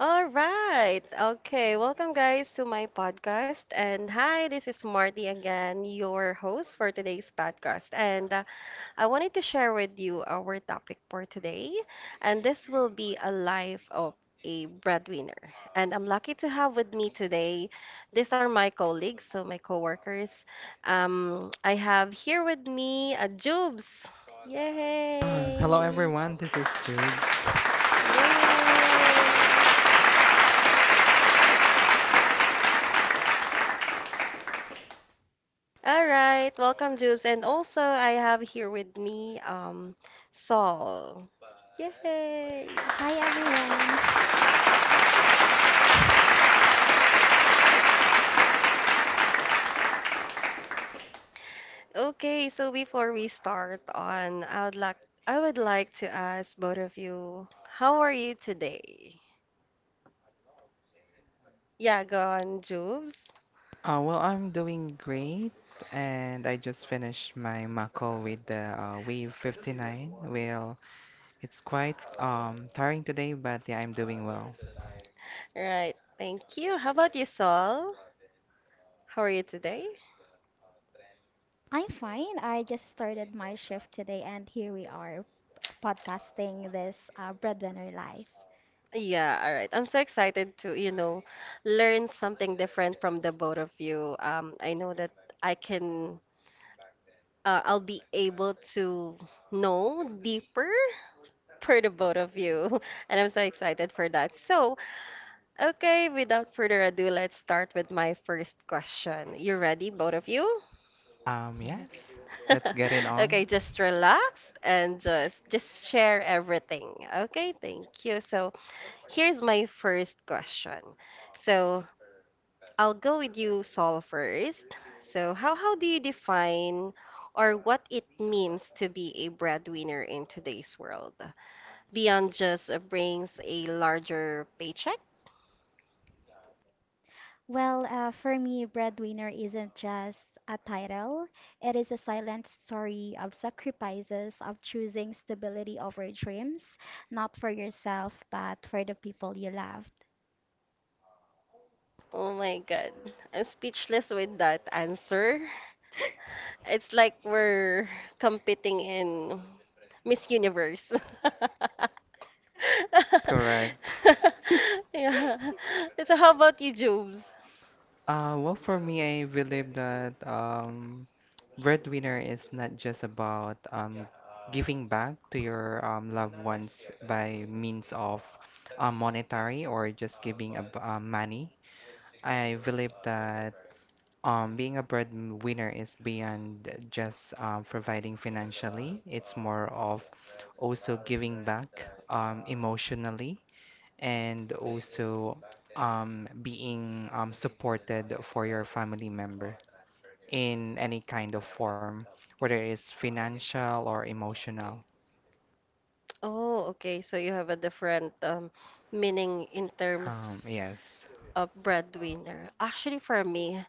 All right. Okay. Welcome, guys, to my podcast. And hi, this is Marty again, your host for today's podcast. And I wanted to share with you our topic for today. And this will be a life of a breadwinner. And I'm lucky to have with me today. These are my colleagues, so my coworkers. I have here with me a Jubes. Hello Yay! everyone, this is Jubes. Yay! All right, welcome, Jubes. And also, I have here with me Saul. Yay! Hi everyone. Okay, so before we start on, I would like to ask both of you, how are you today? Yeah, go on, Jubes. Well, I'm doing great, and I just finished my MACL with the Wave 59. Well, it's quite tiring today, but yeah, I'm doing well. Right, thank you. How about you, Saul? How are you today? I'm fine. I just started my shift today and here we are podcasting this breadwinner life. Yeah, all right. I'm so excited to learn something different from the both of you. I know that I can, I'll be able to know deeper for the both of you, and I'm so excited for that. So, okay, without further ado, let's start with my first question. You ready, both of you? Yes. Yes, let's get it on. Okay, just relax and just share everything. Okay, thank you. So here's my first question. So I'll go with you, Sol, first. So how do you define or what it means to be a breadwinner in today's world? Beyond just brings a larger paycheck? Well, for me, breadwinner isn't just a title. It is a silent story of sacrifices, of choosing stability over dreams, not for yourself, but for the people you loved. Oh my God, I'm speechless with that answer. It's like we're competing in Miss Universe. Correct. Yeah. So how about you, Jobs? Well, for me, I believe that breadwinner is not just about giving back to your loved ones by means of monetary or just giving ab money. I believe that being a breadwinner is beyond just providing financially. It's more of also giving back emotionally and also being supported for your family member in any kind of form, whether it's financial or emotional. Oh, okay. So you have a different meaning in terms Yes. of breadwinner. Actually, for me,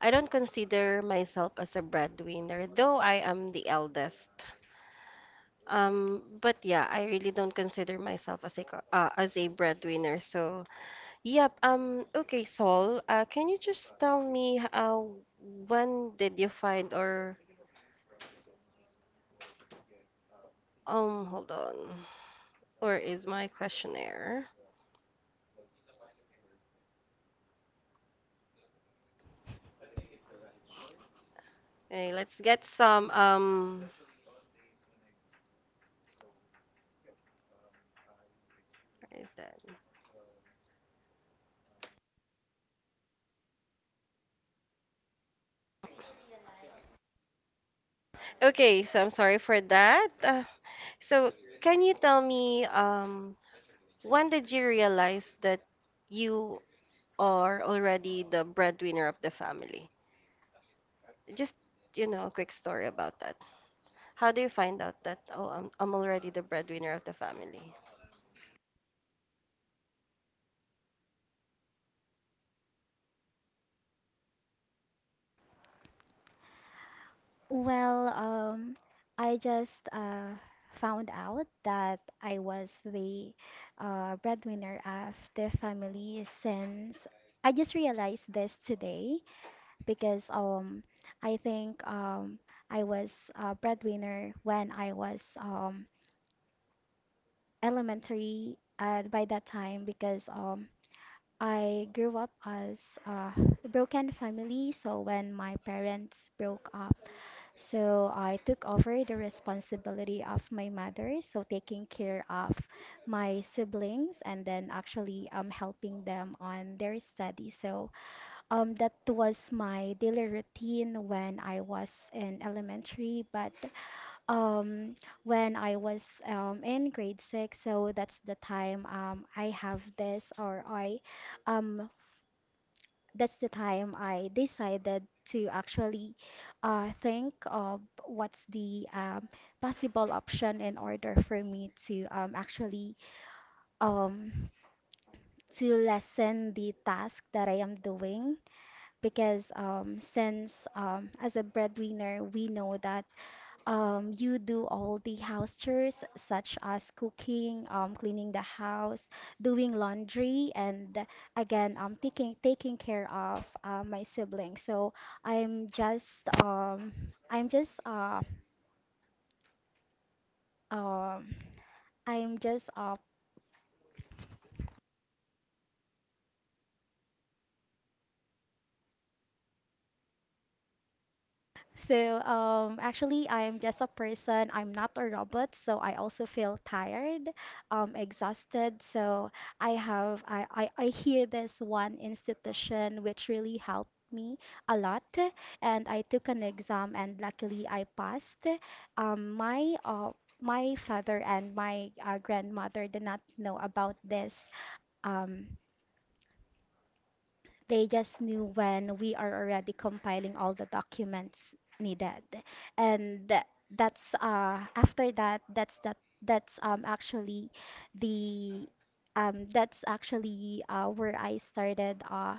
I don't consider myself as a breadwinner, though I am the eldest. But yeah, I really don't consider myself as a breadwinner. So yep. Okay, Sol. Can you just tell me when did you find or hold on. Where is my questionnaire? Okay, let's get some where is that? Okay, so I'm sorry for that. So can you tell me when did you realize that you or already the breadwinner of the family. Just a quick story about that. How do you find out that, oh, I'm already the breadwinner of the family? Well, I just found out that I was the breadwinner of the family since I just realized this today because I think I was a breadwinner when I was elementary by that time because I grew up as a broken family. So when my parents broke up, so I took over the responsibility of my mother, so taking care of my siblings and then actually helping them on their study. So that was my daily routine when I was in elementary, but when I was in grade six, so that's the time I have this or I um that's the time I decided to actually think of what's the possible option in order for me to actually um, to lessen the task that I am doing because since as a breadwinner we know that you do all the house chores, such as cooking, cleaning the house, doing laundry, and again, taking care of my siblings. So I'm just um, I'm just um, I'm just So, actually, I'm just a person. I'm not a robot, so I also feel tired, exhausted. So I have I hear this one institution which really helped me a lot, and I took an exam and luckily I passed. Um, my uh, my father and my grandmother did not know about this. Um, they just knew when we are already compiling all the documents needed. And tha- that's after that that's actually the that's actually where I started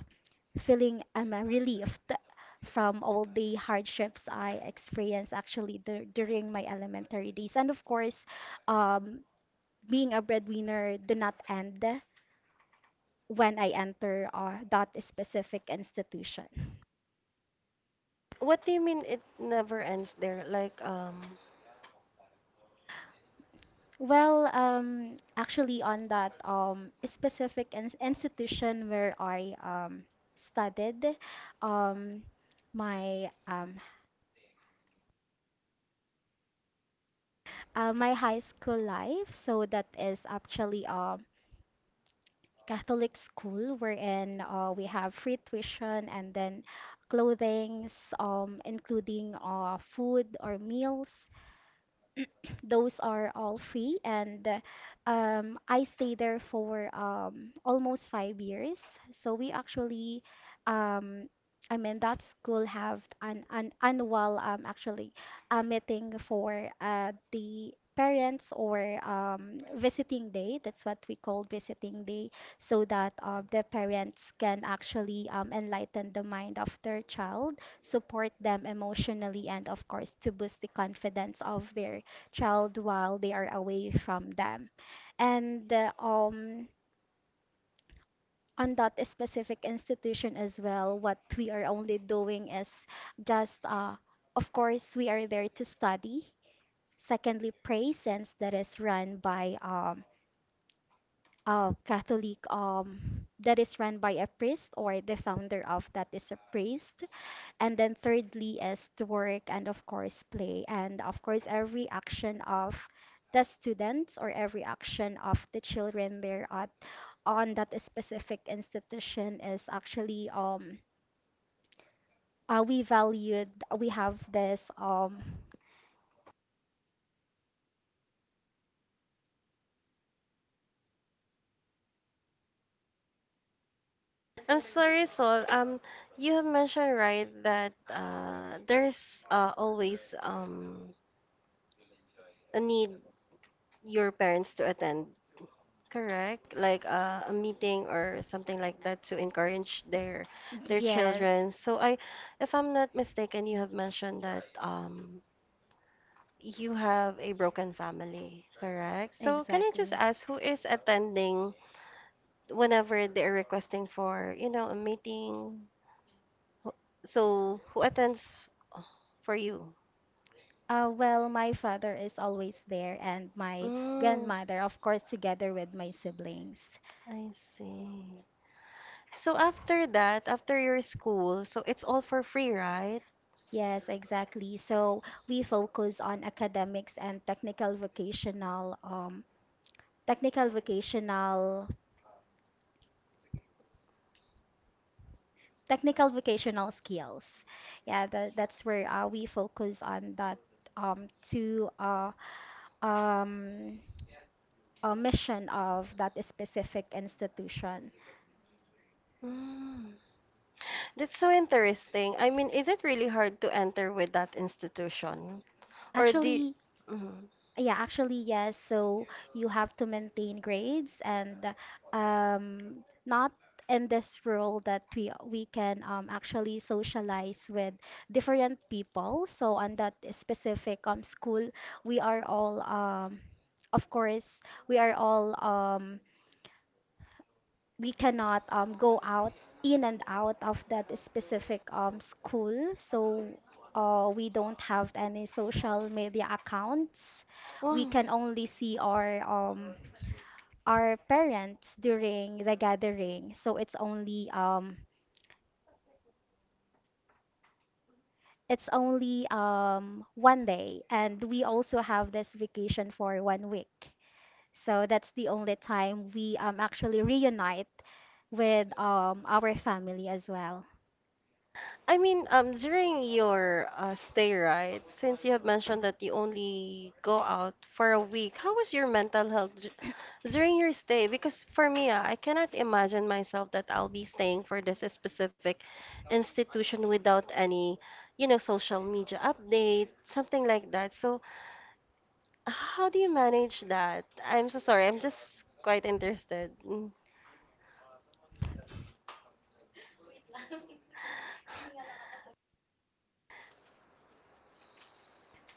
feeling I'm relieved from all the hardships I experienced actually during my elementary days. And of course, um, being a breadwinner do not end when I enter that specific institution. What do you mean it never ends there? Like, Actually, on that specific ins institution where I studied um, my um, my high school life, so that is actually a Catholic school wherein we have free tuition and then clothings, including food or meals. Those are all free, and I stayed there for almost 5 years. So um, I mean, that school have an annual actually a meeting for the parents or visiting day. That's what we call visiting day, so that the parents can actually enlighten the mind of their child, support them emotionally and of course to boost the confidence of their child while they are away from them. And On that specific institution as well, what we are only doing is just, of course, we are there to study. Secondly, pray since that is run by a Catholic, um, that is run by a priest, or the founder of that is a priest. And then thirdly is to work and of course play. And of course every action of the students or every action of the children there at on that specific institution is actually we valued, we have this I'm sorry, Sol. You have mentioned, right, that there's always a need your parents to attend. Correct. Like a meeting or something like that to encourage their yes children. So I, if I'm not mistaken, you have mentioned that you have a broken family, correct? So can I just exactly. ask who is attending whenever they're requesting for a meeting? Who- So who attends for you? My father is always there, and my Mm, grandmother, of course, together with my siblings. I see. So after that, after your school, so it's all for free, right? Yes, exactly. So we focus on academics and technical vocational, technical vocational skills. Yeah, that's where we focus on that to um, a mission of that specific institution. Mm, that's so interesting. I mean, is it really hard to enter with that institution? Or the Actually, mm, yeah, actually, yes. So you have to maintain grades and not in this role that we can actually socialize with different people. So on that specific school, we are of course, all we cannot go out in and out of that specific school, so we don't have any social media accounts. We well, can only see our parents during the gathering, so it's only 1 day, and we also have this vacation for 1 week, so that's the only time we actually reunite with our family as well. I mean, during your stay, right? Since you have mentioned that you only go out for a week, how was your mental health during your stay? Because for me, I cannot imagine myself that I'll be staying for this specific institution without any social media update, something like that. So how do you manage that? I'm so sorry. I'm just quite interested. Mm.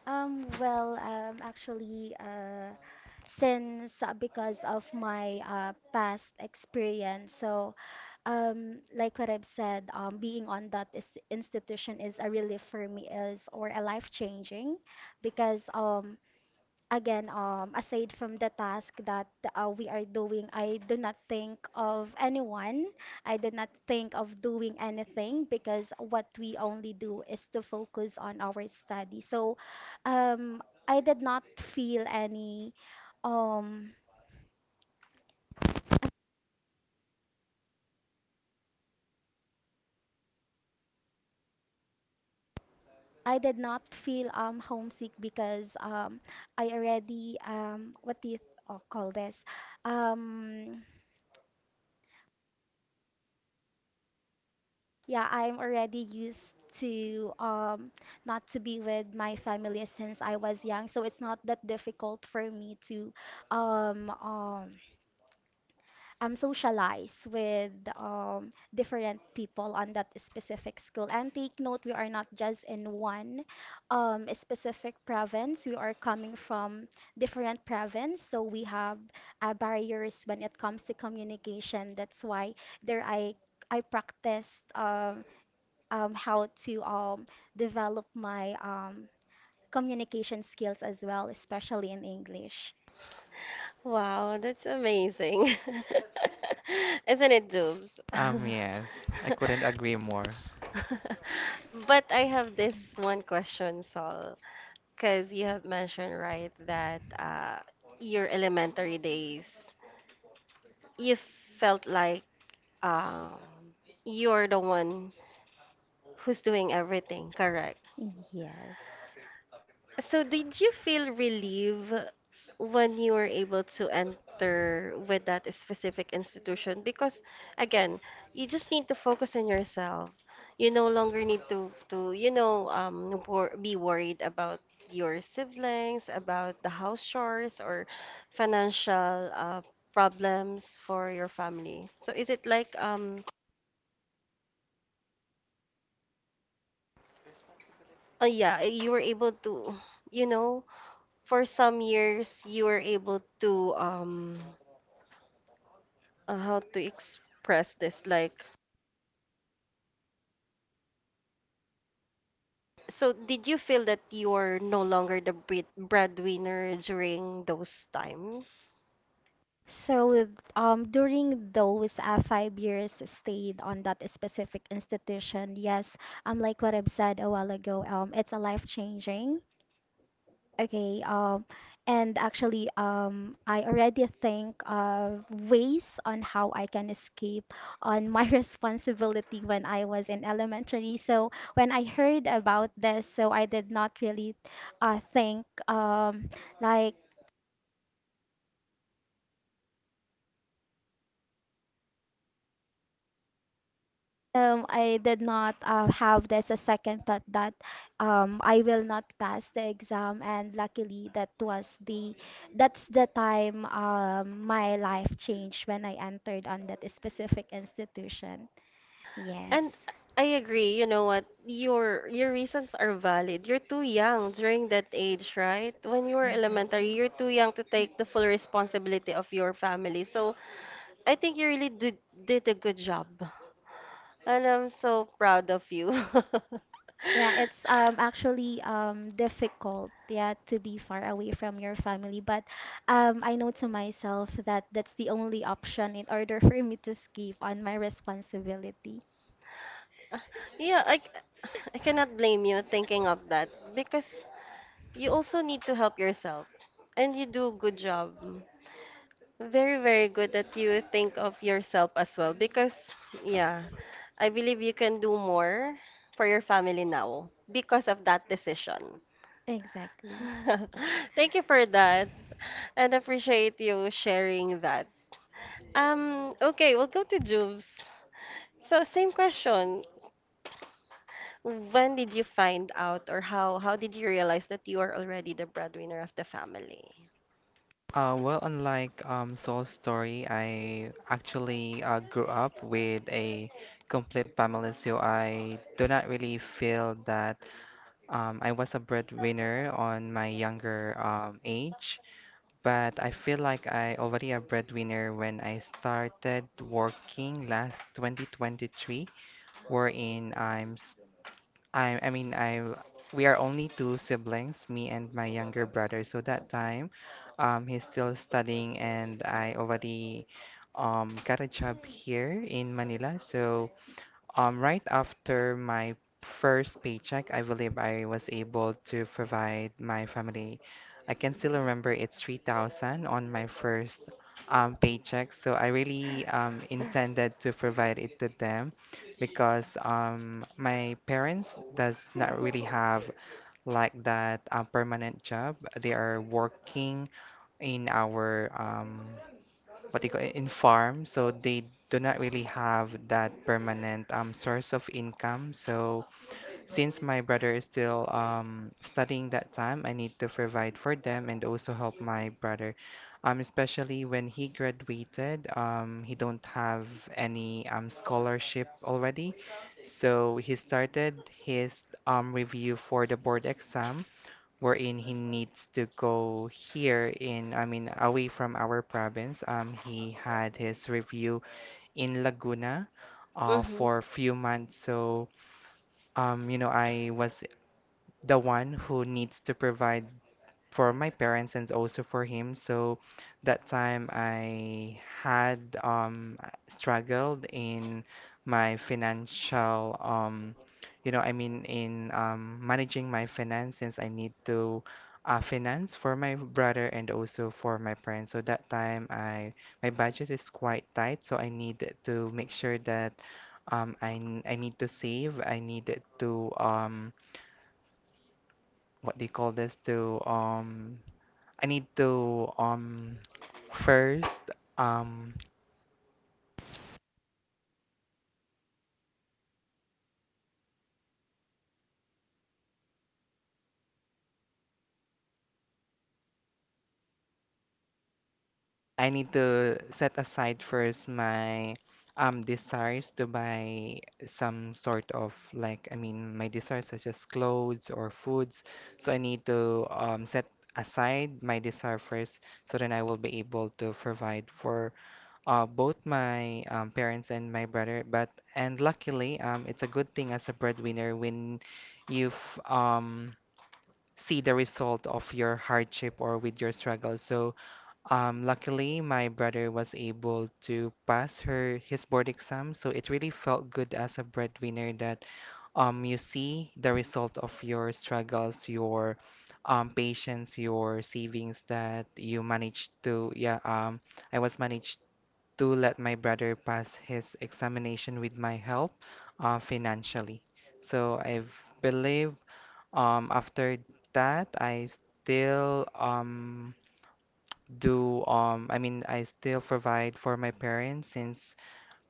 Um, well, um, actually, uh, since because of my past experience, so like what I've said, being on that is institution is a relief for me, is or a life changing, because again, aside from the task that we are doing, I do not think of anyone. I do not think of doing anything because what we only do is to focus on our study. So, um, I did not feel any, um, I did not feel homesick because I already what do you th- call this? Um, Yeah, I'm already used to not to be with my family since I was young, so it's not that difficult for me to um um socialize with different people on that specific school. And take note, we are not just in one specific province. We are coming from different province, so we have barriers when it comes to communication. That's why there I practiced how to develop my communication skills as well, especially in English. Wow, that's amazing. Isn't it, Jobs? Yes, I couldn't agree more. But I have this one question, Sol, because you have mentioned, right, that your elementary days, you felt like um, you're the one who's doing everything. Yes. So did you feel relieved when you were able to enter with that specific institution? Because again, you just need to focus on yourself. You no longer need to you know wor be worried about your siblings, about the house chores or financial problems for your family. So is it like yeah, you were able to you know for some years you were able to how to express this like so did you feel that you're no longer the breadwinner during those time, During those 5 years stayed on that specific institution, yes, like what I've said a while ago, it's a life changing. Okay, and actually, I already think of ways on how I can escape on my responsibility when I was in elementary. So when I heard about this, so I did not really think like I did not have this a second thought that I will not pass the exam, and luckily that's the time my life changed when I entered on that specific institution. and Yes. I agree, you know what, your reasons are valid. You're too young during that age, right? When you were elementary, Exactly. you're too young to take the full responsibility of your family, so I think you really did a good job and I'm so proud of you. Yeah, it's actually difficult, yeah, to be far away from your family, but I know to myself that that's the only option in order for me to escape on my responsibility. Uh, Yeah, I cannot blame you thinking of that because you also need to help yourself and you do a good job. Very, very good that you think of yourself as well because, yeah, I believe you can do more for your family now because of that decision. Exactly. Thank you for that and appreciate you sharing that. Okay, we'll go to Juves. So, same question. When did you find out or how did you realize that you are already the breadwinner of the family? Well, unlike Soul's story, I actually grew up with a complete family, so I do not really feel that I was a breadwinner on my younger age, but I feel like I already a breadwinner when I started working last 2023, wherein I'm s- I mean I we are only two siblings, me and my younger brother. So that time, he's still studying and I already got a job here in Manila. So right after my first paycheck, I believe I was able to provide my family. I can still remember it's 3,000 on my first paycheck. So I really intended to provide it to them because my parents does not really have like that permanent job. They are working in our what they call it, in farm, so they do not really have that permanent source of income. So since my brother is still studying that time, I need to provide for them and also help my brother. Especially when he graduated, he don't have any scholarship already. So he started his review for the board exam wherein he needs to go here in, I mean, away from our province. He had his review in Laguna Mm-hmm. for a few months. So, you know, I was the one who needs to provide for my parents and also for him. So that time I had struggled in my financial you know, I mean in managing my finance, since I need to finance for my brother and also for my parents. So that time I my budget is quite tight, so I need to make sure that I need to save, I needed to what they call this to I need to first um I need to set aside first my desires to buy some sort of like, I mean my desires such as clothes or foods. So I need to set aside my desire first, so then I will be able to provide for both my parents and my brother. But and luckily it's a good thing as a breadwinner when you've um see the result of your hardship or with your struggle. So, luckily, my brother was able to pass her his board exam. So it really felt good as a breadwinner that you see the result of your struggles, your patience, your savings that you managed to, yeah, I was managed to let my brother pass his examination with my help financially. So I believe after that, I still do I mean I still provide for my parents since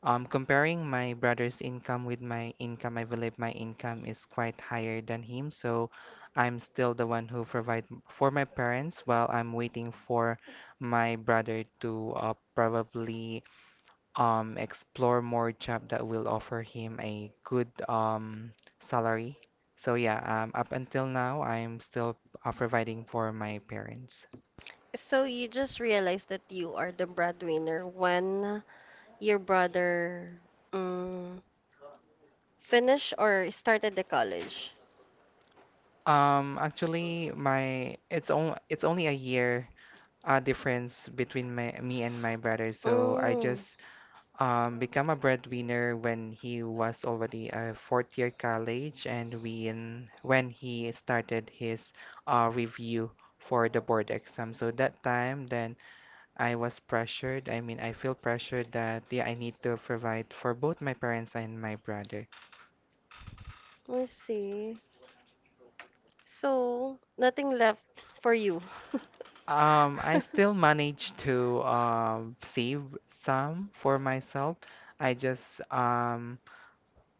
comparing my brother's income with my income, I believe my income is quite higher than him, so I'm still the one who provide for my parents while I'm waiting for my brother to probably explore more job that will offer him a good salary. So yeah, up until now, I'm still providing for my parents. So you just realized that you are the breadwinner when your brother um, finished or started the college. Actually, it's only a year difference between me and my brother. So I Mm, just become a breadwinner when he was already a fourth year college, and when he started his review for the board exam. So that time, then. I was pressured. I mean, I feel pressured that yeah, I need to provide for both my parents and my brother. I see. So nothing left for you. I still manage to save some for myself. I just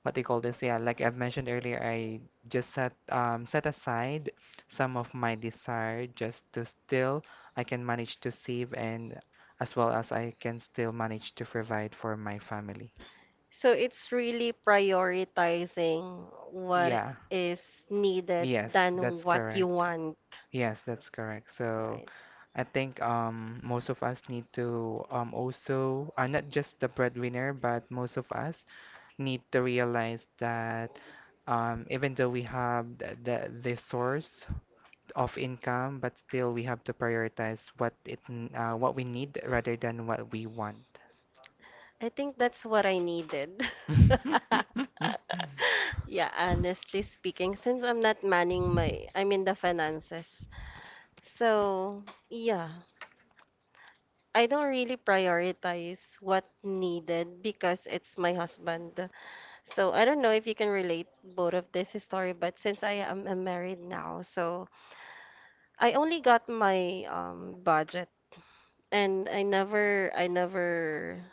what they call this, yeah, like I've mentioned earlier, I just set aside some of my desire just to still I can manage to save, and as well as I can still manage to provide for my family. So it's really prioritizing what Yeah. is needed Yes, than that's what you correct. want, Yes, that's correct. So right? I think most of us need to also, not just the breadwinner, but most of us need to realize that even though we have the source of income, but still we have to prioritize what we need rather than what we want. I think that's what I needed. Yeah, honestly speaking, since I'm not manning my, I'm in the finances. So, yeah, I don't really prioritize what needed because it's my husband. So I don't know if you can relate both of this story, but since I am married now, so I only got my budget and I never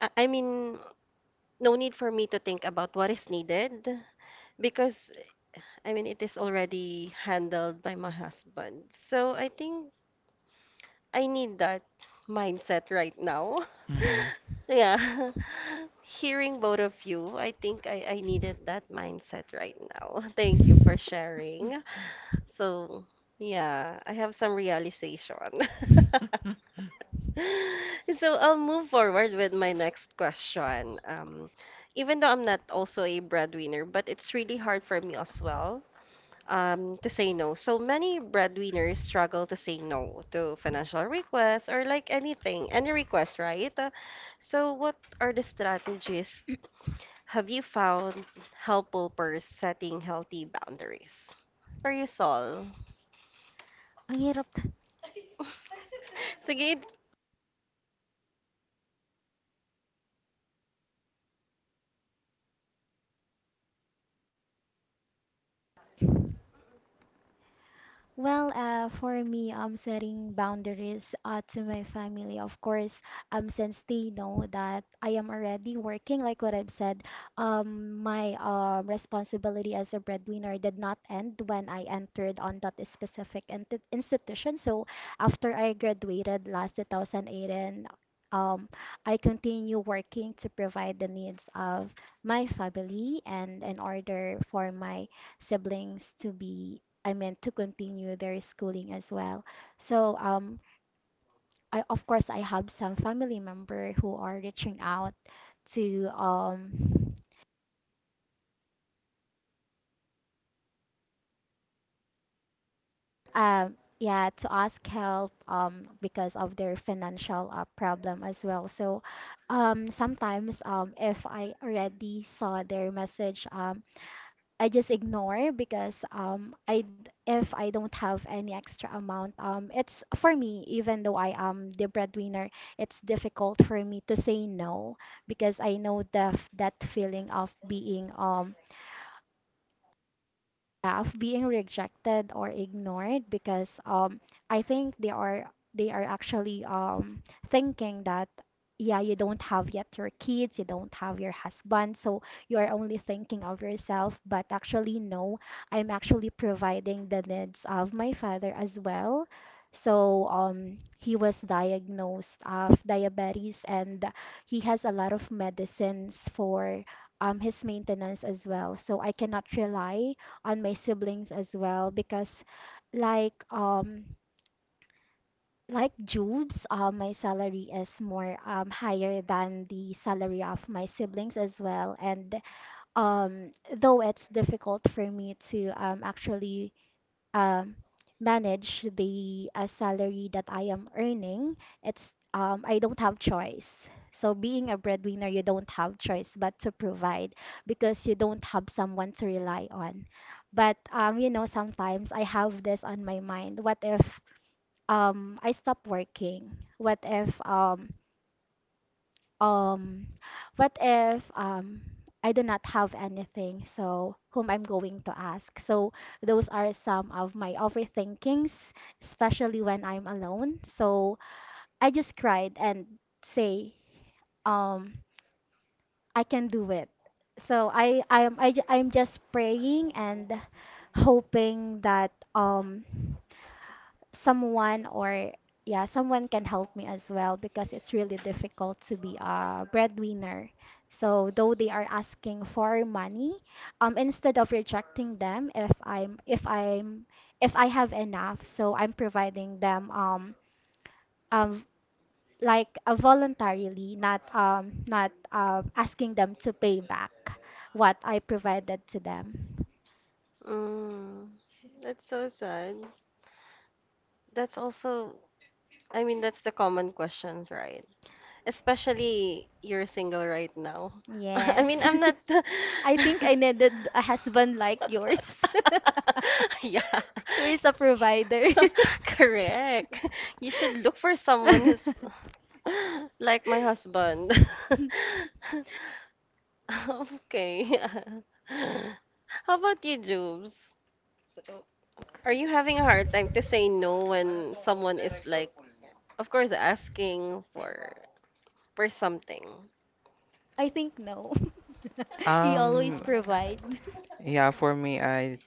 I mean no need for me to think about what is needed because I mean it is already handled by my husband. So I think I need that mindset right now. Mhm. Yeah. Hearing both of you, I think I needed that mindset right now. Thank you for sharing. So, yeah, I have some realization. So I'll move forward with my next question. Even though I'm not also a breadwinner, but it's really hard for me as well to say no. So many breadwinners struggle to say no to financial requests or like anything, any request, right? So what are the strategies have you found helpful for setting healthy boundaries? For you, Sol? Ang hirap. Sige. For me, setting boundaries to my family, of course, since they know that I am already working, like what I've said, my responsibility as a breadwinner did not end when I entered on that institution. So after I graduated last 2018, um, I continue working to provide the needs of my family and in order for my siblings to be I meant to continue their schooling as well. So I of course I have some family member who are reaching out to yeah, to ask help because of their financial problem as well. So sometimes if I already saw their message, I just ignore because if I don't have any extra amount, it's for me, even though I am the breadwinner, it's difficult for me to say no, because I know the that feeling of being rejected or ignored because I think they are actually thinking that yeah, you don't have yet your kids, you don't have your husband, so you are only thinking of yourself, but actually no, I'm actually providing the needs of my father as well. So he was diagnosed of diabetes, and he has a lot of medicines for his maintenance as well, so I cannot rely on my siblings as well because like um Jubes, my salary is more higher than the salary of my siblings as well. And though it's difficult for me to actually um, manage the salary that I am earning, it's I don't have choice. So being a breadwinner, you don't have choice but to provide because you don't have someone to rely on. But you know, sometimes I have this on my mind. What if I stop working? What if um, um what if I do not have anything, so whom I'm going to ask? So those are some of my overthinkings, especially when I'm alone, so I just cried and say um I can do it. So I I'm I am I, ju- I'm just praying and hoping that someone, or yeah, someone can help me as well, because it's really difficult to be a breadwinner. So though they are asking for money, instead of rejecting them, if I have enough, so I'm providing them um like voluntarily, not asking them to pay back what I provided to them. Mm, that's so sad. That's also, I mean, that's the common questions, right? Especially you're single right now. I Yes. mean, I'm not. I think I needed a husband like yours, Yeah, who is a provider. correct. You should look for someone who's like my husband. Okay. How about you, Jubes? Are you having a hard time to say no when someone is like, of course, asking for something? I think no. He always Um, provide. yeah, for me, I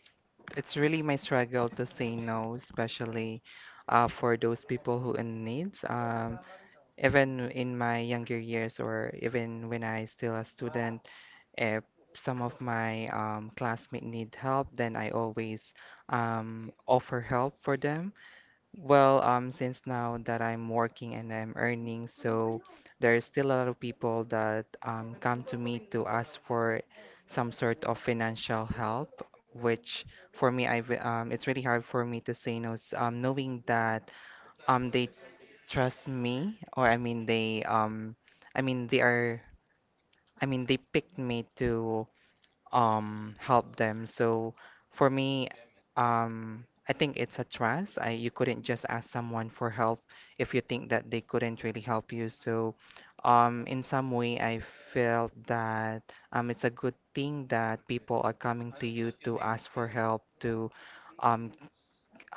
it's really my struggle to say no, especially for those people who in needs. Even in my younger years, or even when I still a student, if some of my classmates need help, then I always offer help for them. Well, since now that I'm working and I'm earning, so there is still a lot of people that come to me to ask for some sort of financial help, which for me, it's really hard for me to say no, knowing that they trust me, or I mean they are, I mean they picked me to help them. So for me, I think it's a trust. You couldn't just ask someone for help if you think that they couldn't really help you. So, in some way, I felt that it's a good thing that people are coming to you to ask for help, um,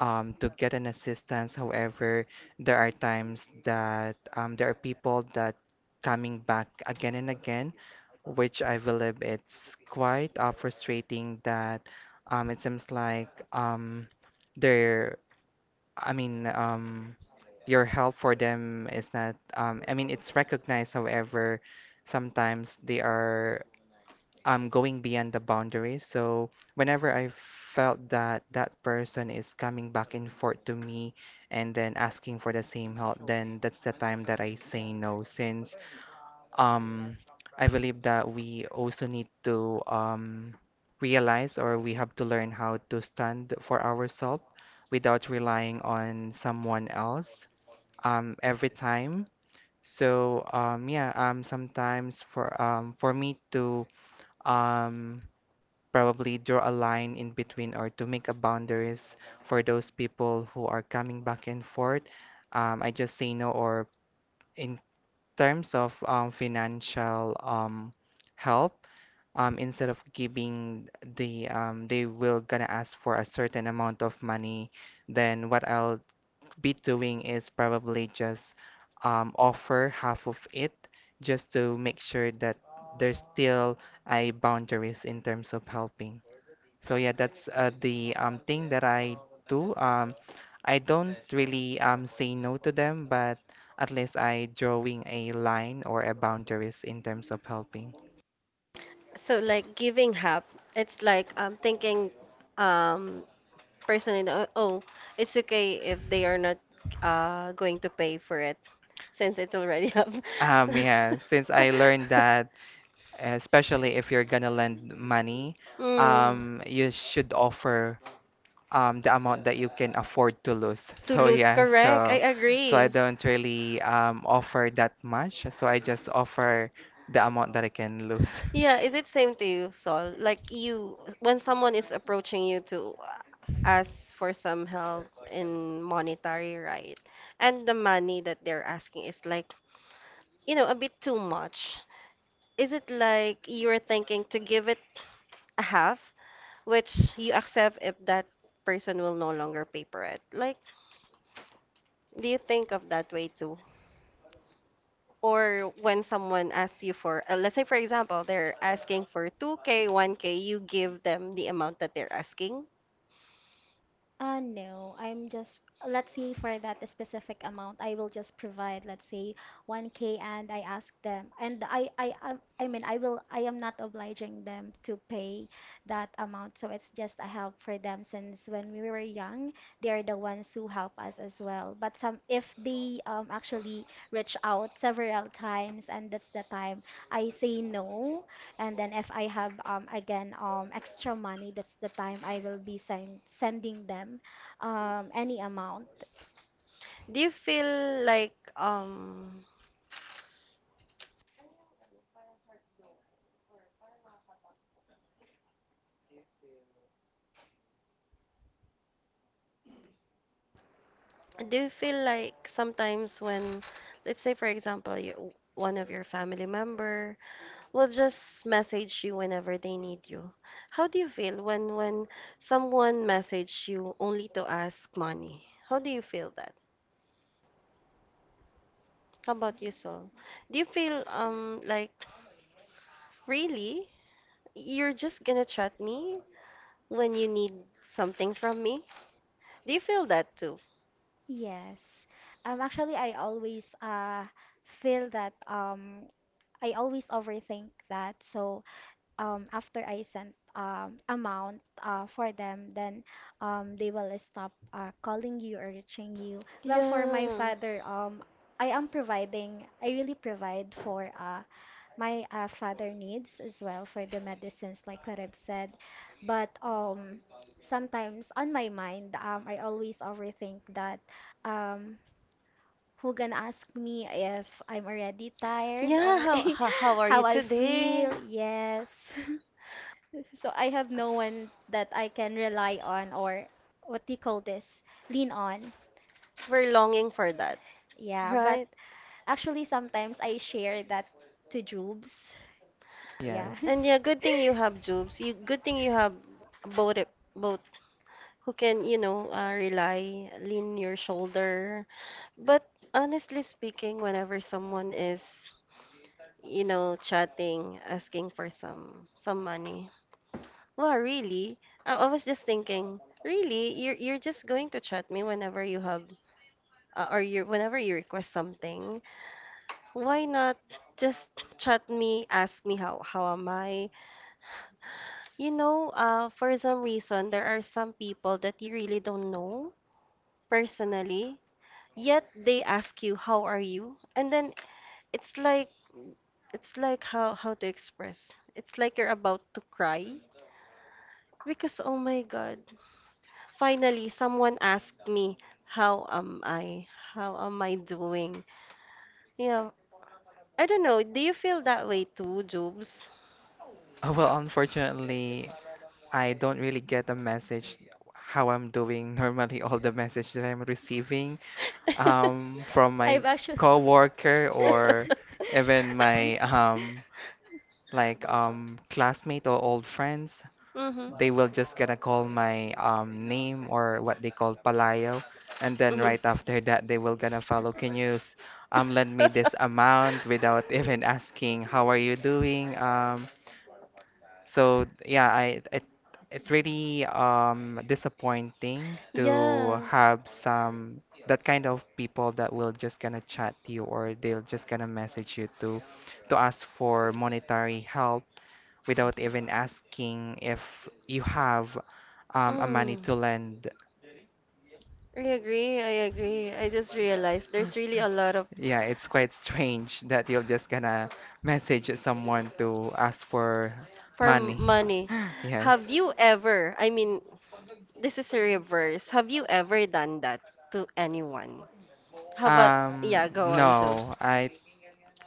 to get an assistance. However, there are times that there are people that coming back again and again, which I believe it's quite frustrating that it seems like their I mean your help for them is not I mean it's recognized, however, sometimes they are going beyond the boundaries. So whenever I felt that that person is coming back and forth to me and then asking for the same help, then that's the time that I say no, since um, I believe that we also need to realize, or we have to learn how to stand for ourselves without relying on someone else every time. So yeah, sometimes for me to um, probably draw a line in between or to make a boundaries for those people who are coming back and forth, I just say no, or in terms of financial help, instead of giving they will gonna ask for a certain amount of money, then what I'll be doing is probably just offer half of it, just to make sure that there's still a boundaries in terms of helping. So yeah, that's the thing that I do. I don't really say no to them, but at least I drawing a line or a boundaries in terms of helping. So like giving up, it's like I'm thinking, um, personally know, oh, it's okay if they are not going to pay for it since it's already up. Yeah, since I learned So- that, especially if you're gonna lend money, Mm. You should offer the amount that you can afford to lose. To So lose, yeah, correct. I so I agree. don't really offer that much. So I just offer the amount that I can lose. Yeah, is it same to you, Sol? Like you, when someone is approaching you to ask for some help in monetary, right? And the money that they're asking is like a bit too much? Is it like you're thinking to give it a half, which you accept if that person will no longer pay for it? Like, do you think of that way too? Or when someone asks you for, let's say for example, they're asking for 2K, 1K, you give them the amount that they're asking. No, let's say for that specific amount, I will just provide, let's say, 1K and I ask them, and I will, I am not obliging them to pay that amount. So it's just a help for them since when we were young, they are the ones who help us as well. But some, if they actually reach out several times, and that's the time I say no. And then if I have again extra money, that's the time I will be sending them any amount. Do you feel like, do you feel like sometimes when, let's say for example, you, one of your family member will just message you whenever they need you. How do you feel when someone message you only to ask money? How do you feel that? How about you, Sol? Do you feel like really you're just gonna chat me when you need something from me? Do you feel that too? Yes. Actually, I always feel that I always overthink that. So after I sent amount for them, then they will stop calling you or reaching you. Well, for my Yeah. father, I am providing, I really provide for my father needs as well, for the medicines, like what I've said. But sometimes on my mind I always overthink that, um who gonna ask me if I'm already tired, Yeah, or how are you how I today? feel? Yes. So I have no one that I can rely on or, what do you call this, lean on. We're longing for that, Yeah, but right? actually sometimes I share that to Jubes. Yeah. And Yes. yeah, good thing you have jobs. You good thing you have both both who can, rely, lean your shoulder. But honestly speaking, whenever someone is chatting, asking for some money. Well, really, I was just thinking, really, you're just going to chat me whenever you have or you whenever you request something. Why not just chat me, ask me how am I? For some reason, there are some people that you really don't know personally, yet they ask you, "How are you?" And then it's like it's like how to express. It's like you're about to cry because oh my God, finally someone asked me, "How am I? How am I doing?" Yeah, I don't know. Do you feel that way too, Jobs? Oh, well, unfortunately, I don't really get a message how I'm doing. Normally, all the message that I'm receiving from my I've actually. coworker or even my classmate or old friends, they Mm-hmm. will just gonna call my name, or what they call palayo, and then Mm-hmm. right after that, they will gonna follow. Can you lend me this amount without even asking how are you doing? So yeah, I it it's really disappointing to Yeah. have some that kind of people that will just gonna chat you, or they'll just gonna message you to ask for monetary help without even asking if you have a money Mm. to lend. I agree. I agree. I just realized there's really a lot of Yeah, it's quite strange that you're just gonna message someone to ask for for money. money. Yes. Have you ever, I mean, this is a reverse. Have you ever done that to anyone? How about, Um, yeah, go on, no, Jobs. I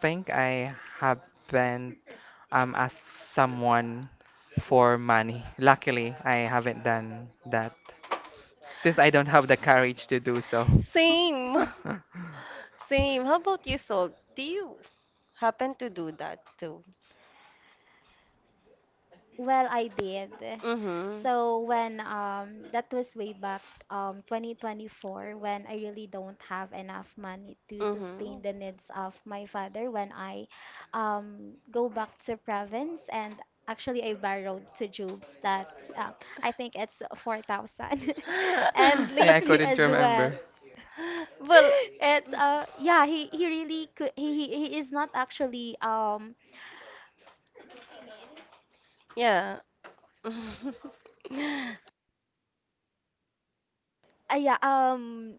think I haven't asked someone for money. Luckily, I haven't done that since I don't have the courage to do so. Same. Same. How about you, Sol? Do you happen to do that too? Well, I did. Mm-hmm. So when that was way back 2024 when I really don't have enough money to sustain Mm-hmm. the needs of my father. When I go back to province, and actually I borrowed to Jobs that, uh, I think it's 4,000. And Yeah, I lately couldn't as remember. well. well, it's yeah he really could, he he is not actually yeah. uh, yeah um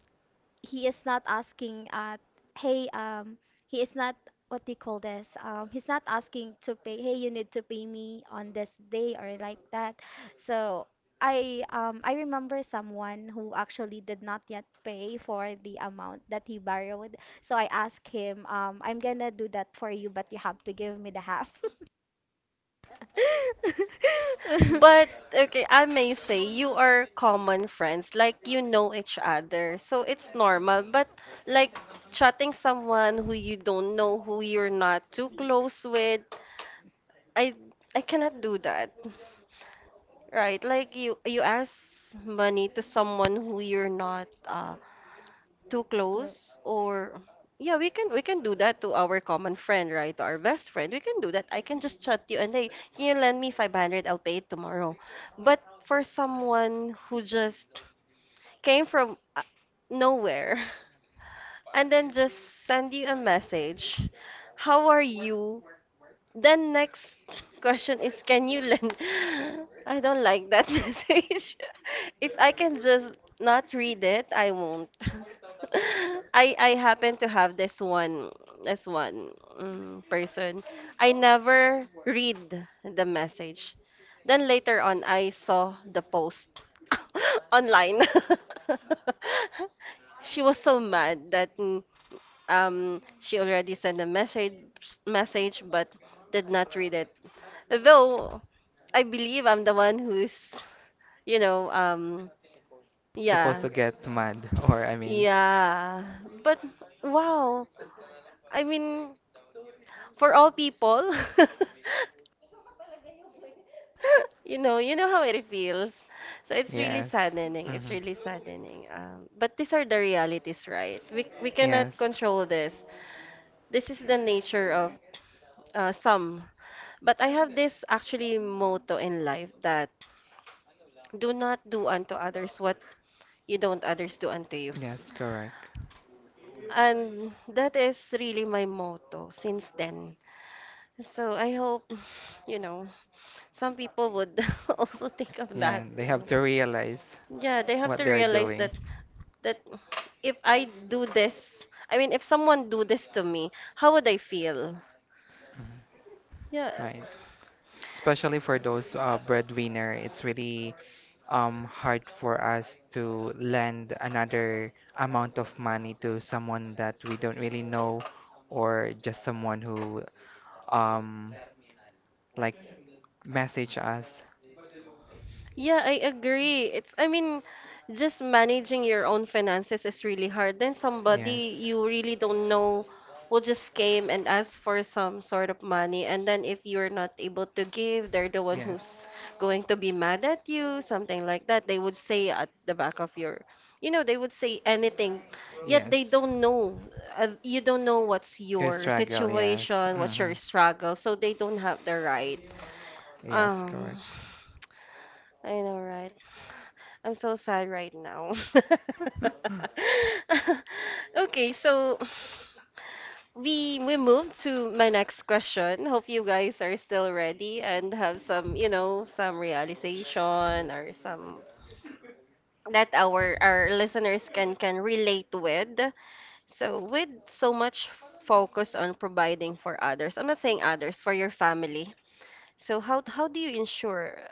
he is not asking. Hey he is not, what do you call this, he's not asking to pay, hey, you need to pay me on this day, or like that. So I, I remember someone who actually did not yet pay for the amount that he borrowed, so I asked him, I'm gonna do that for you, but you have to give me the half. but Okay, I may say you are common friends, like you know each other, so it's normal. But like chatting someone who you don't know, who you're not too close with, I I cannot do that. Right, like you ask money to someone who you're not too Clo- close or yeah, we can do that to our common friend, right? To our best friend. We can do that. I can just chat you and hey, can you lend me 500? I'll pay it tomorrow. But for someone who just came from nowhere and then just send you a message, how are you? Then next question is can you lend I don't like that message. If I can just not read it, I won't. I happen to have this one this one person. I never read the message. Then later on I saw the post online. She was so mad that she already sent a message but did not read it. Though I believe I'm the one who's, you know, Supposed yeah. to get mad, or I mean, Yeah, but wow. I mean, for all people, you know how it feels. So it's really yes. saddening. It's Hmm. really saddening. But these are the realities, right? We cannot Yes, control this. This is the nature of some. But I have this actually motto in life that do not do unto others what you don't others do unto you. yes, correct. And that is really my motto since then. So I hope, you know, some people would also think of that Yeah, they too. have to realize Yeah, they have to what they're realize doing. that that if I do this, I mean, if someone do this to me, how would I feel? Yeah, Right. especially for those breadwinner, it's really hard for us to lend another amount of money to someone that we don't really know or just someone who um, like message us. yeah, I agree. It's, I mean, just managing your own finances is really hard. Then somebody Yes. you really don't know will just came and ask for some sort of money. And then if you're not able to give, they're the one who's Yes. going to be mad at you, something like that. They would say at the back of your, you know, they would say anything. Yet they Yes. don't know. You don't know what's You your struggle, yes. situation, Hmm. what's your struggle. So they don't have the right. Yes, Um, correct. I know, right? I'm so sad right now. Okay, so we move to my next question. Hope you guys are still ready and have some, you know, some realization or some that our listeners can relate with. So with so much focus on providing for others. I'm not saying others, for your family. So how do you ensure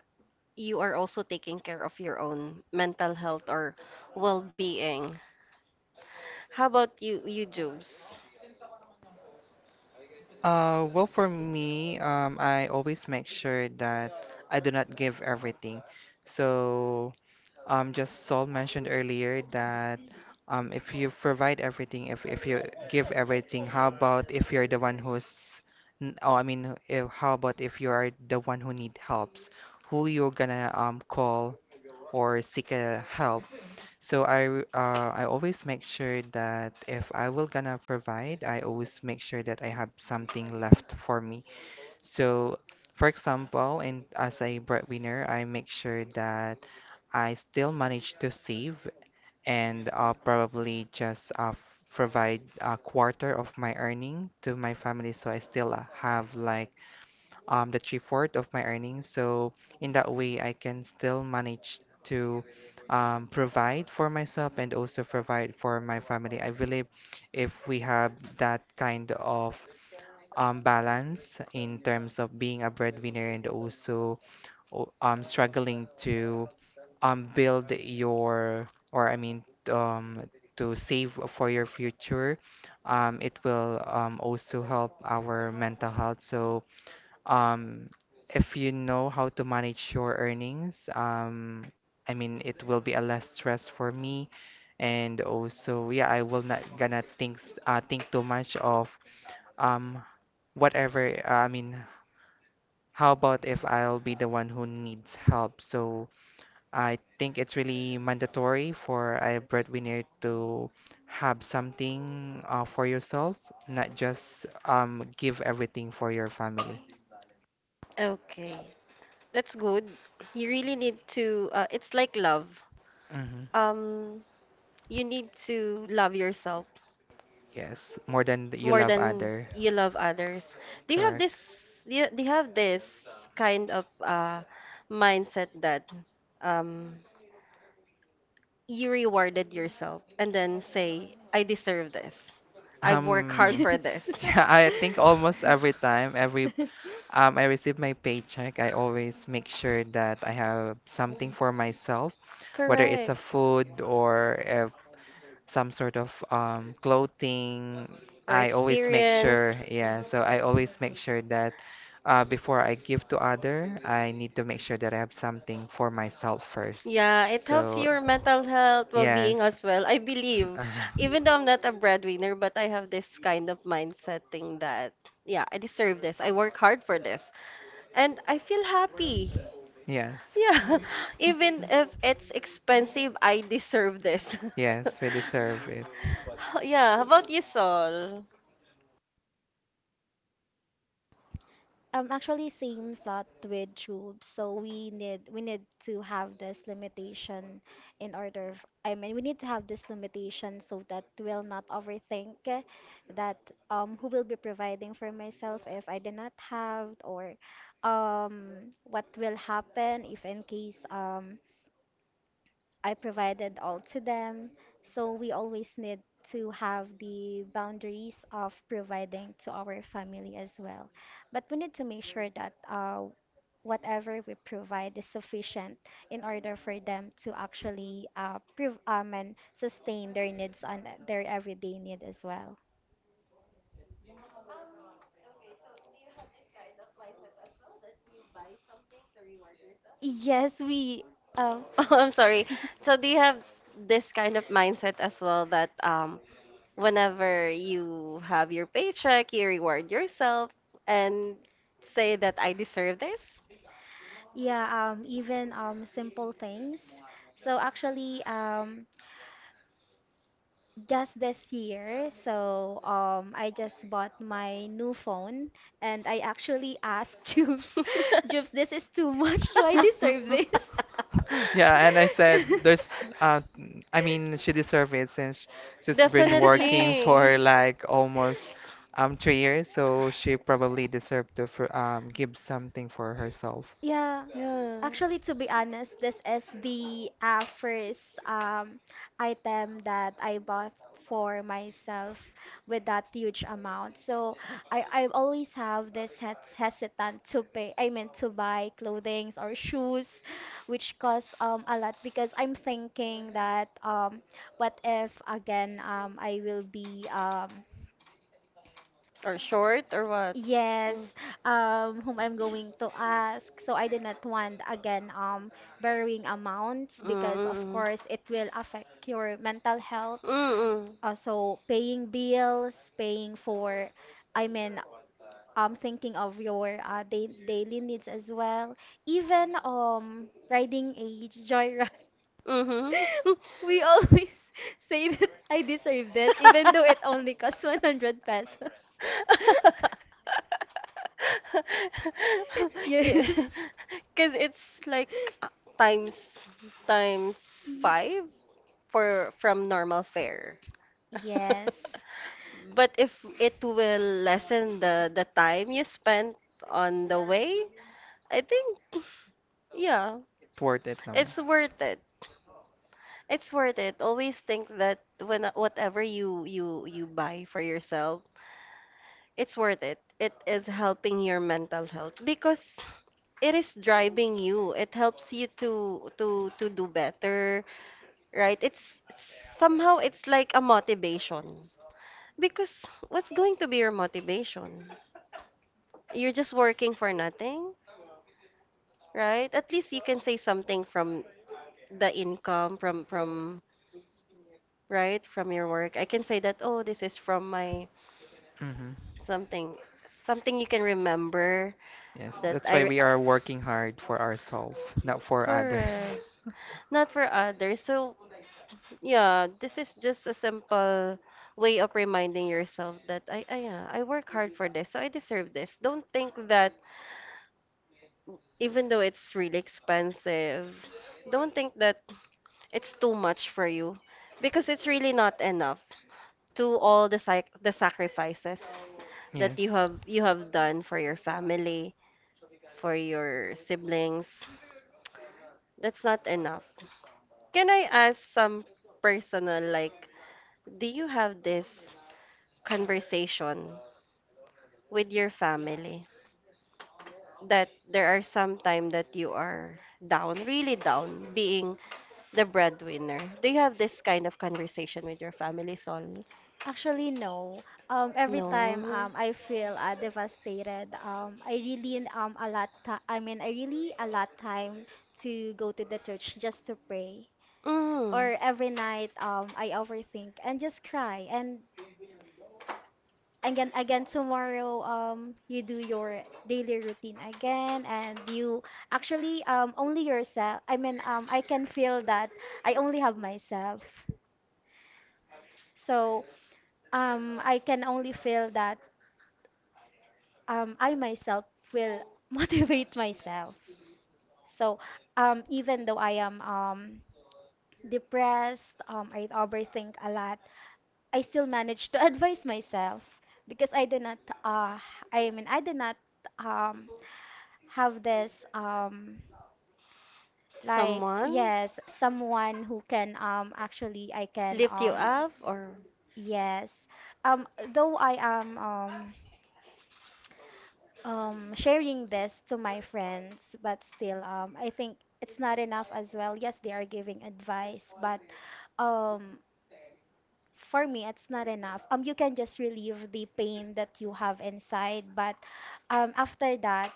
you are also taking care of your own mental health or well-being? How about you, Jobs? Well, for me, I always make sure that I do not give everything. So, just Saul mentioned earlier that if you provide everything, if you give everything, how about if you're the one who's, I mean, if, how about if you are the one who need helps, who you're gonna call or seek help? So I always make sure that if I will gonna provide, I always make sure that I have something left for me. So for example, and as a breadwinner, I make sure that I still manage to save and probably just provide a quarter of my earning to my family so I still have like the three fourth of my earnings. So in that way, I can still manage to provide for myself and also provide for my family. I believe if we have that kind of balance in terms of being a breadwinner and also struggling to build your, or I mean, um, to save for your future, it will also help our mental health. So um, if you know how to manage your earnings, I mean, it will be a less stress for me. And also, yeah, I will not gonna think too much of um whatever. Uh, I mean, how about if I'll be the one who needs help? So I think it's really mandatory for a breadwinner to have something for yourself, not just give everything for your family. Okay, that's good. You really need to, it's like love. Mhm. Um, you need to love yourself Yes, more than you more love than other, you love others. Do you have this, correct? Do you have this kind of mindset that um, you rewarded yourself and then say, I deserve this. I work hard Um, for Yes. this. yeah, I think almost every time, every I receive my paycheck, I always make sure that I have something for myself, whether it's a Correct. food or a some sort of clothing. Or I always make experience. sure, yeah, so I always make sure that before I give to other, I need to make sure that I have something for myself first. Yeah, it helps So, your mental health, well-being yes. as well. I believe, Uh, even though I'm not a breadwinner, but I have this kind of mindset thing that, yeah, I deserve this. I work hard for this, and I feel happy. yes. Yeah, even if it's expensive, I deserve this. Yes, we deserve it. Yeah, how about you, Sol? Actually, same thought with tubes. So we need, to have this limitation, in order f- I mean we need to have this limitation so that we'll not overthink, that who will be providing for myself if I do not have, or what will happen if in case I provided all to them. So we always need to have the boundaries of providing to our family as well. But we need to make sure that whatever we provide is sufficient in order for them to actually prove and sustain their needs and their everyday need as well. Yes, we. Um, Oh, I'm sorry. So do you have s- this kind of mindset as well that whenever you have your paycheck, you reward yourself and say that I deserve this? Yeah, even simple things. So actually, just this year. So I just bought my new phone, and I actually asked Jubes, Jubes, this is too much. Do I deserve this? Yeah, and I said there's I mean she deserved it since she's been working for Definitely. like almost 3 years, so she probably deserved to for, give something for herself. Yeah. Yeah. Actually, to be honest, this is the first item that I bought for myself with that huge amount. So I always have this hesitant to pay, I mean to buy clothing or shoes, which costs a lot, because I'm thinking that what if again I will be Or short or what? yes, whom I'm going to ask. So I did not want again borrowing amounts, because of Mm-mm. course it will affect your mental health. Mm-mm. So paying bills, paying for, I mean, thinking of your day daily needs as well. Even riding a joyride. Mm-hmm. We always say that I deserve this, even though it only costs 100 pesos. Yeah. Yes. Cause it's like uh, times times five for from normal fare. Yes. But if it will lessen the time you spent on the way, I think yeah, Worth it naman. it's worth it. It's worth it. Always think that when whatever you buy for yourself, it's worth it. It is helping your mental health because it is driving you. It helps you to to do better, right? It's somehow it's like a motivation. Because what's going to be your motivation? You're just working for nothing, right? At least you can say something from the income from right from your work. I can say that oh, this is from my Hmm. something, something you can remember Yes, that that's I. why re- we are working hard for ourselves, not for others. Correct. Not for others. So, yeah, this is just a simple way of reminding yourself that yeah, I work hard for this, so I deserve this. Don't think that even though it's really expensive, don't think that it's too much for you because it's really not enough to all the sac the sacrifices that Yes. You have done for your family, for your siblings. That's not enough. Can I ask some personal, like, do you have this conversation with your family that there are some time that you are down, really down, being the breadwinner? Do you have this kind of conversation with your family, Sol? Actually, no. Every time No. I feel devastated, I really a lot ti I mean I really a lot time to go to the church just to pray. Mm. Or every night I overthink and just cry. And again again tomorrow you do your daily routine again, and you actually only yourself. I mean I can feel that I only have myself. So I can only feel that I myself will motivate myself. So even though I am depressed, I overthink a lot, I still manage to advise myself, because I did not, uh, I mean, I did not um, have this like, Someone yes, someone who can actually, I can, lift you up or yes. Um, though I am sharing this to my friends, but still I think it's not enough as well. Yes, they are giving advice, but um for me it's not enough. You can just relieve the pain that you have inside, but after that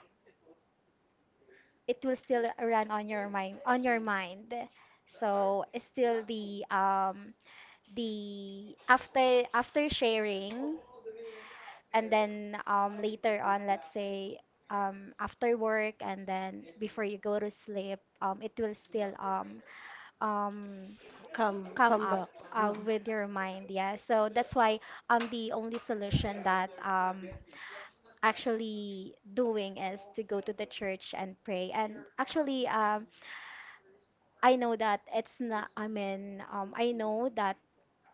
it will still run on your mind, so it's still the after sharing, and then later on, let's say after work and then before you go to sleep, it will still um, come come up back. Mm. with your mind. Yeah, so that's why the only solution that actually doing is to go to the church and pray. And actually, I know that it's not. I mean, I know that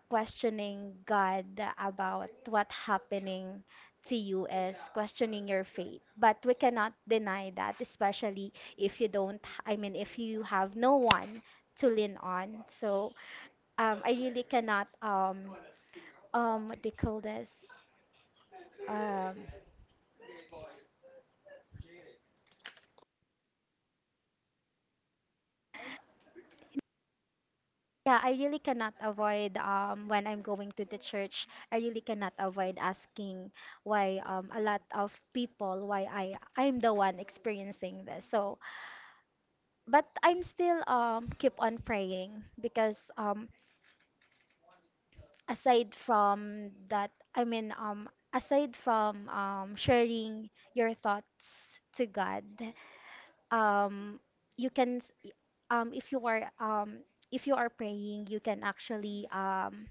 questioning God about what happening to you is questioning your faith. But we cannot deny that, especially if you don't, I mean, if you have no one to lean on. So I really cannot, what do you call this? Um, yeah, I really cannot avoid when I'm going to the church. I really cannot avoid asking why, a lot of people, why I, I'm the one experiencing this. So but I'm still keep on praying, because aside from that, I mean aside from sharing your thoughts to God, um you can um if you are um if you are praying, you can actually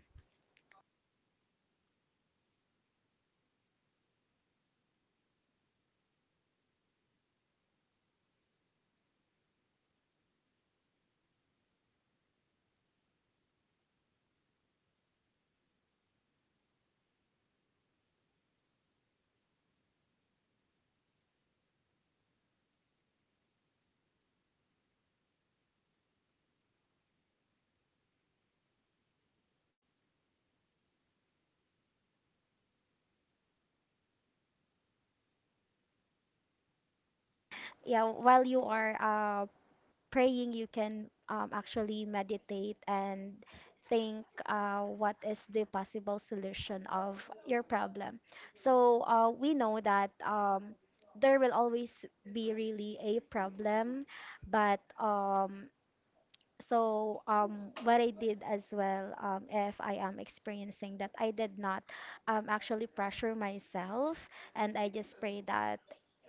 yeah, while you are praying you can actually meditate and think, what is the possible solution of your problem? So we know that there will always be really a problem, but what I did as well, if I am experiencing that, I did not actually pressure myself, and I just pray that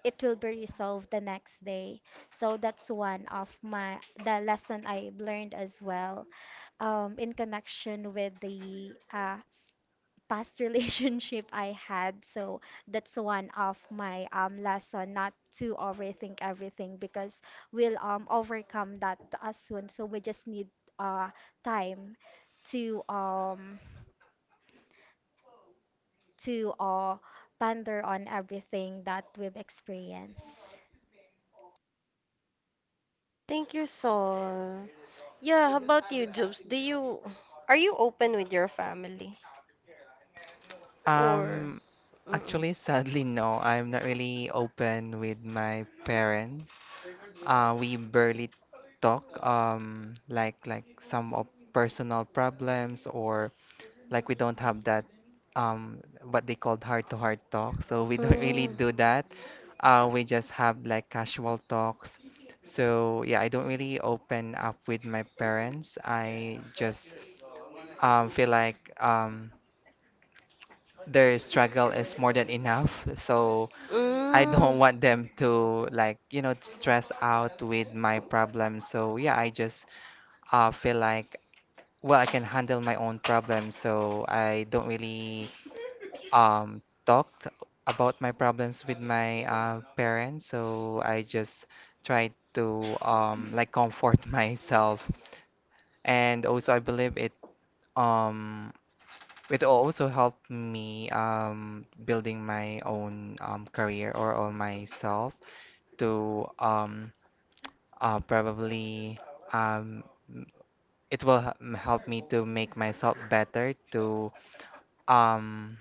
it will be resolved the next day. So that's one of my the lesson I've learned as well, in connection with the past relationship I had. So that's one of my lesson, not to overthink everything, because we'll overcome that as soon. So we just need uh, time to to uh, ponder on everything that we've experienced. Thank you, Sol. Yeah, how about you, Jobs? Do you are you open with your family or Um mm-mm. Actually sadly no, I'm not really open with my parents. We barely talk, like some of personal problems or like we don't have that what they called heart-to-heart talk. So we don't really Mm. do that. We just have like casual talks. So yeah, I don't really open up with my parents. I just feel like their struggle is more than enough. So I Mm. don't want them to like, stress out with my problems. So yeah, I just feel like, well, I can handle my own problems, so I don't really talk about my problems with my parents. So I just try to like comfort myself, and also I believe it um, it also helped me building my own career or on myself to probably um, it will help me to make myself better um,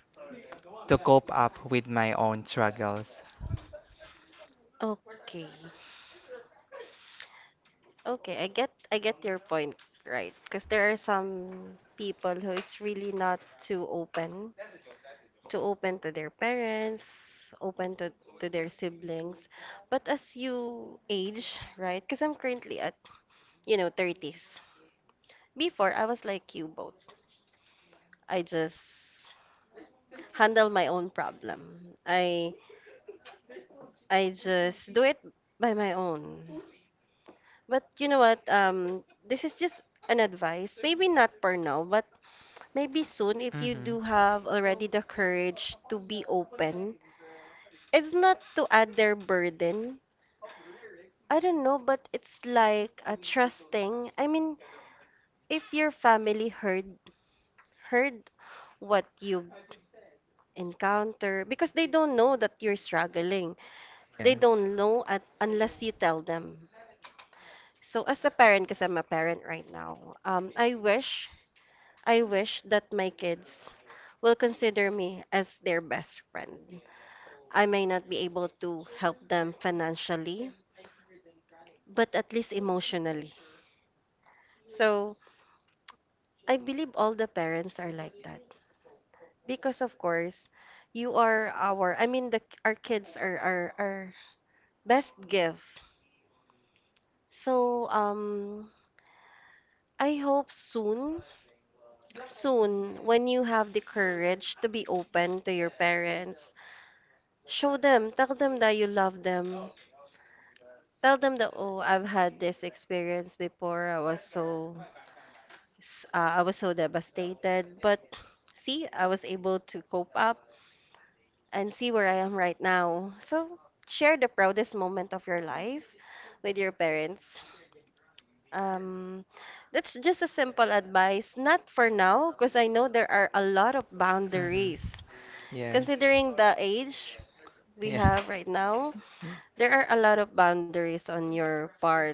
to cope up with my own struggles. Okay. Okay, I get your point, right? Because there are some people who is really not too open, to their parents, open to their siblings. But as you age, right? Because I'm currently at, you know, 30s. Before, I was like you both. I just handle my own problem. I just do it by my own. But you know what? This is just an advice. Maybe not for now, but maybe soon if you do Mm-hmm. have already the courage to be open, it's not to add their burden. I don't know, but it's like a trusting. I mean, if your family heard what you encounter, because they don't know that you're struggling, they Yes. don't know at, unless you tell them. So as a parent, because I'm a parent right now, um, i wish I wish that my kids will consider me as their best friend. I may not be able to help them financially, but at least emotionally. So I believe all the parents are like that because, of course, you are our. I mean, the our kids are our best gift. So I hope soon, soon when you have the courage to be open to your parents, show them, tell them that you love them. Tell them that oh, I've had this experience before. I was so I was so devastated, but see, I was able to cope up and see where I am right now. So, share the proudest moment of your life with your parents. Um, that's just a simple advice, not for now, because I know there are a lot of Mm-hmm. boundaries. Yes. Considering the age we Yes. have right now, there are a lot of boundaries on your part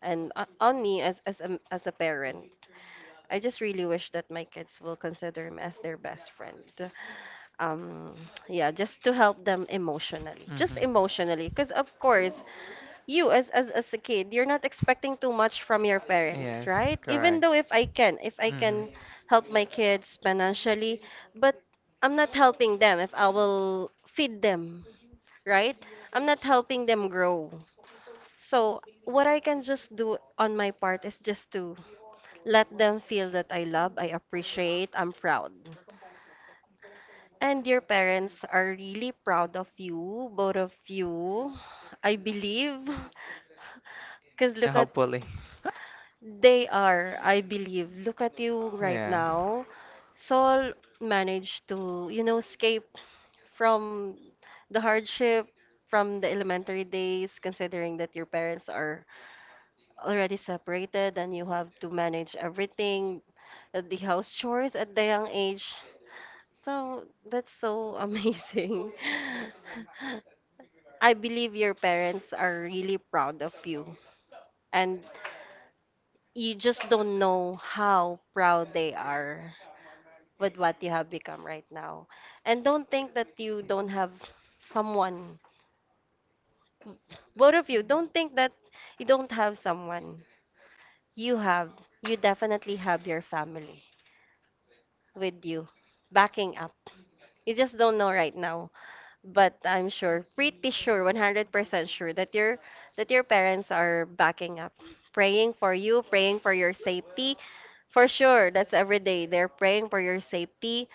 and on me as as a parent. I just really wish that my kids will consider me as their best friend. Um, yeah, just to help them emotionally, just Mm-hmm. emotionally, because of course you as, as a kid, you're not expecting too much from your parents, Yes, right? Even correct. though if I can Mm-hmm. help my kids financially, but I'm not helping them if I will feed them, right? I'm not helping them grow. So, what I can just do on my part is just to let them feel that I love, I appreciate, I'm proud. And your parents are really proud of you, both of you, I believe. Because look at, Hopefully. they are, I believe. Look at you right Yeah. now. Saul managed to, you know, escape from the hardship from the elementary days, considering that your parents are already separated and you have to manage everything, the house chores at the young age. So that's so amazing. I believe your parents are really proud of you and you just don't know how proud they are with what you have become right now. And don't think that you don't have someone. Both of you, don't think that you don't have someone. You have, you definitely have your family with you backing up. You just don't know right now, but I'm sure, pretty sure 100% sure that your parents are backing up, praying for you, praying for your safety, for sure. That's every day they're praying for your safety,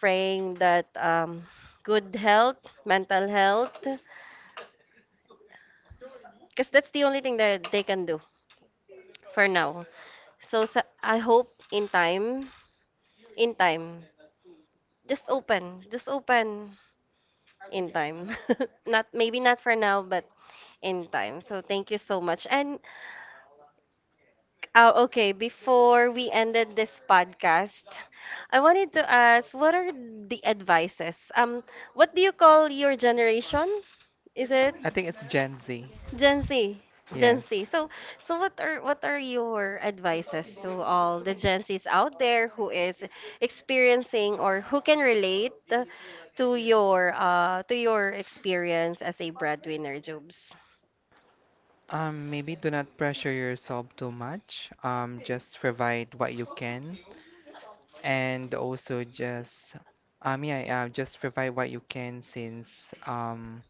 praying that good health, mental health, because that's the only thing that they can do for now. So, so I hope in time, in time just open, just open in time. Not maybe not for now, but in time. So thank you so much. And okay, before we ended this podcast, I wanted to ask, what are the advices? What do you call your generation? Is it I think it's Gen Z. Gen Z, Gen Yes. Z. So, so what are your advices to all the Gen Zs out there who is experiencing or who can relate to your experience as a breadwinner, Jobs? Maybe do not pressure yourself too much. Just provide what you can, and also just yeah, just provide what you can since.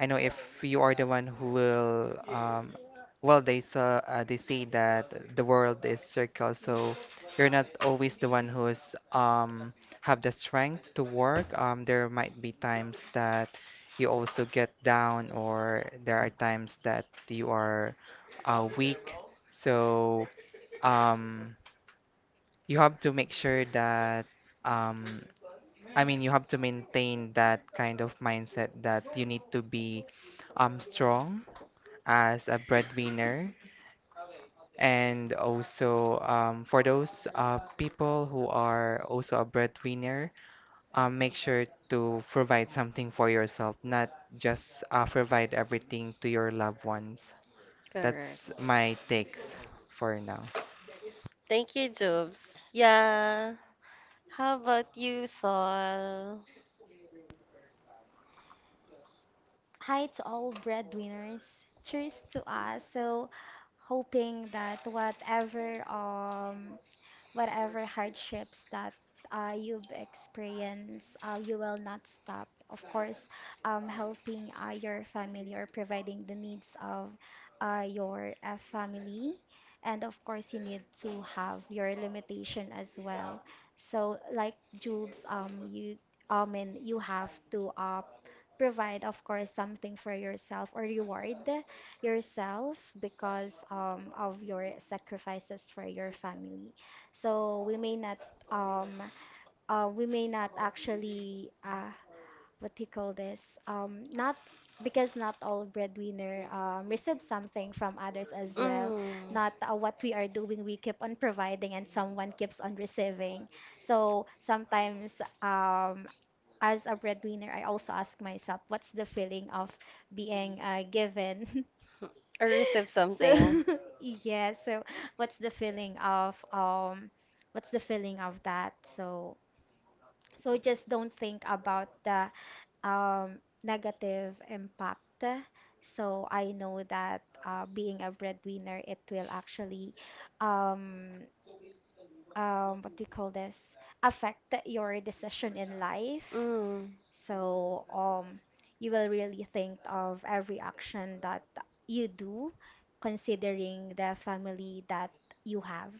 I know if you are the one who will, well, they say that the world is circle, so you're not always the one who's have the strength to work. There might be times that you also get down, or there are times that you are weak. So um, you have to make sure that um, I mean, you have to maintain that kind of mindset that you need to be strong as a breadwinner and also for those people who are also a breadwinner, make sure to provide something for yourself not just provide everything to your loved ones. Correct. That's my takes for now. Thank you, Jobs. Yeah. How about you, Saul? Hi to all breadwinners. Cheers to us. So, hoping that whatever whatever hardships that you've experienced, you will not stop. Of course, helping your family or providing the needs of your family. And of course, you need to have your limitation as well. So, like Jubes, you, I mean, you have to provide, of course, something for yourself or reward yourself, because of your sacrifices for your family. So we may not um actually, what do you call this? Not because not all breadwinner receive something from others as well. Mm. Not what we are doing, we keep on providing and someone keeps on receiving. So sometimes um as a breadwinner, I also ask myself, what's the feeling of being given? Or receive So something. yeah, so what's the feeling of that? So so just don't think about the negative impact. So I know that being a breadwinner, it will actually um what do you call this? Affect your decision in life. Mm. So you will really think of every action that you do, considering the family that you have.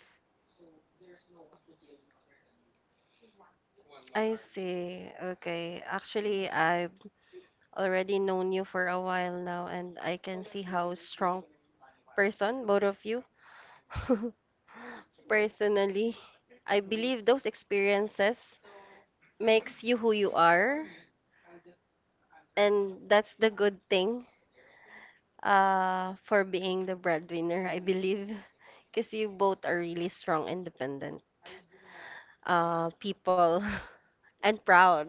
I see. Okay. Actually, I've already known you for a while now, and I can see how strong person, both of you. Personally, I believe those experiences makes you who you are, and that's the good thing for being the breadwinner, I believe, because you both are really strong, independent people, and proud.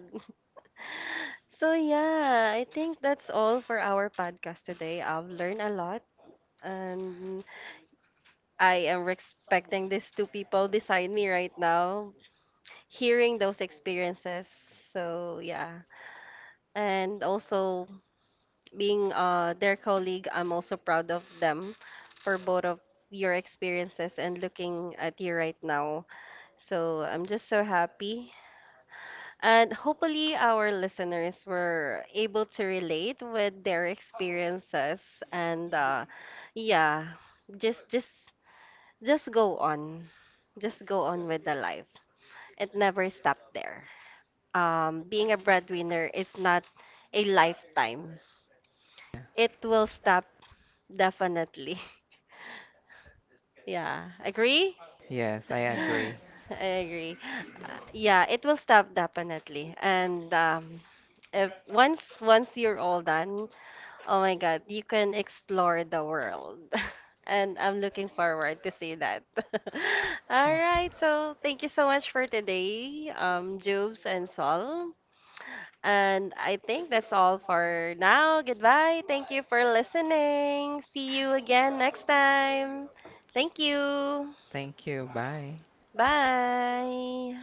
So yeah, I think that's all for our podcast today. I've learned a lot and I am respecting these two people beside me right now, hearing those experiences. So yeah. And also being their colleague, I'm also proud of them for both of your experiences and looking at you right now. So I'm just so happy. And hopefully, our listeners were able to relate with their experiences. And yeah, just just just go on, just go on with the life. It never stopped there. Being a breadwinner is not a lifetime. It will stop definitely. Yeah, agree? Yes, I agree. Yes. I agree. Yeah, it will stop definitely. And if once you're all done, oh my God, you can explore the world. And I'm looking forward to see that. All Well, right, so thank you so much for today, Jubes and Sol. And I think that's all for now. Goodbye. Thank you for listening. See you again next time. Thank you. thank you, bye. Bye.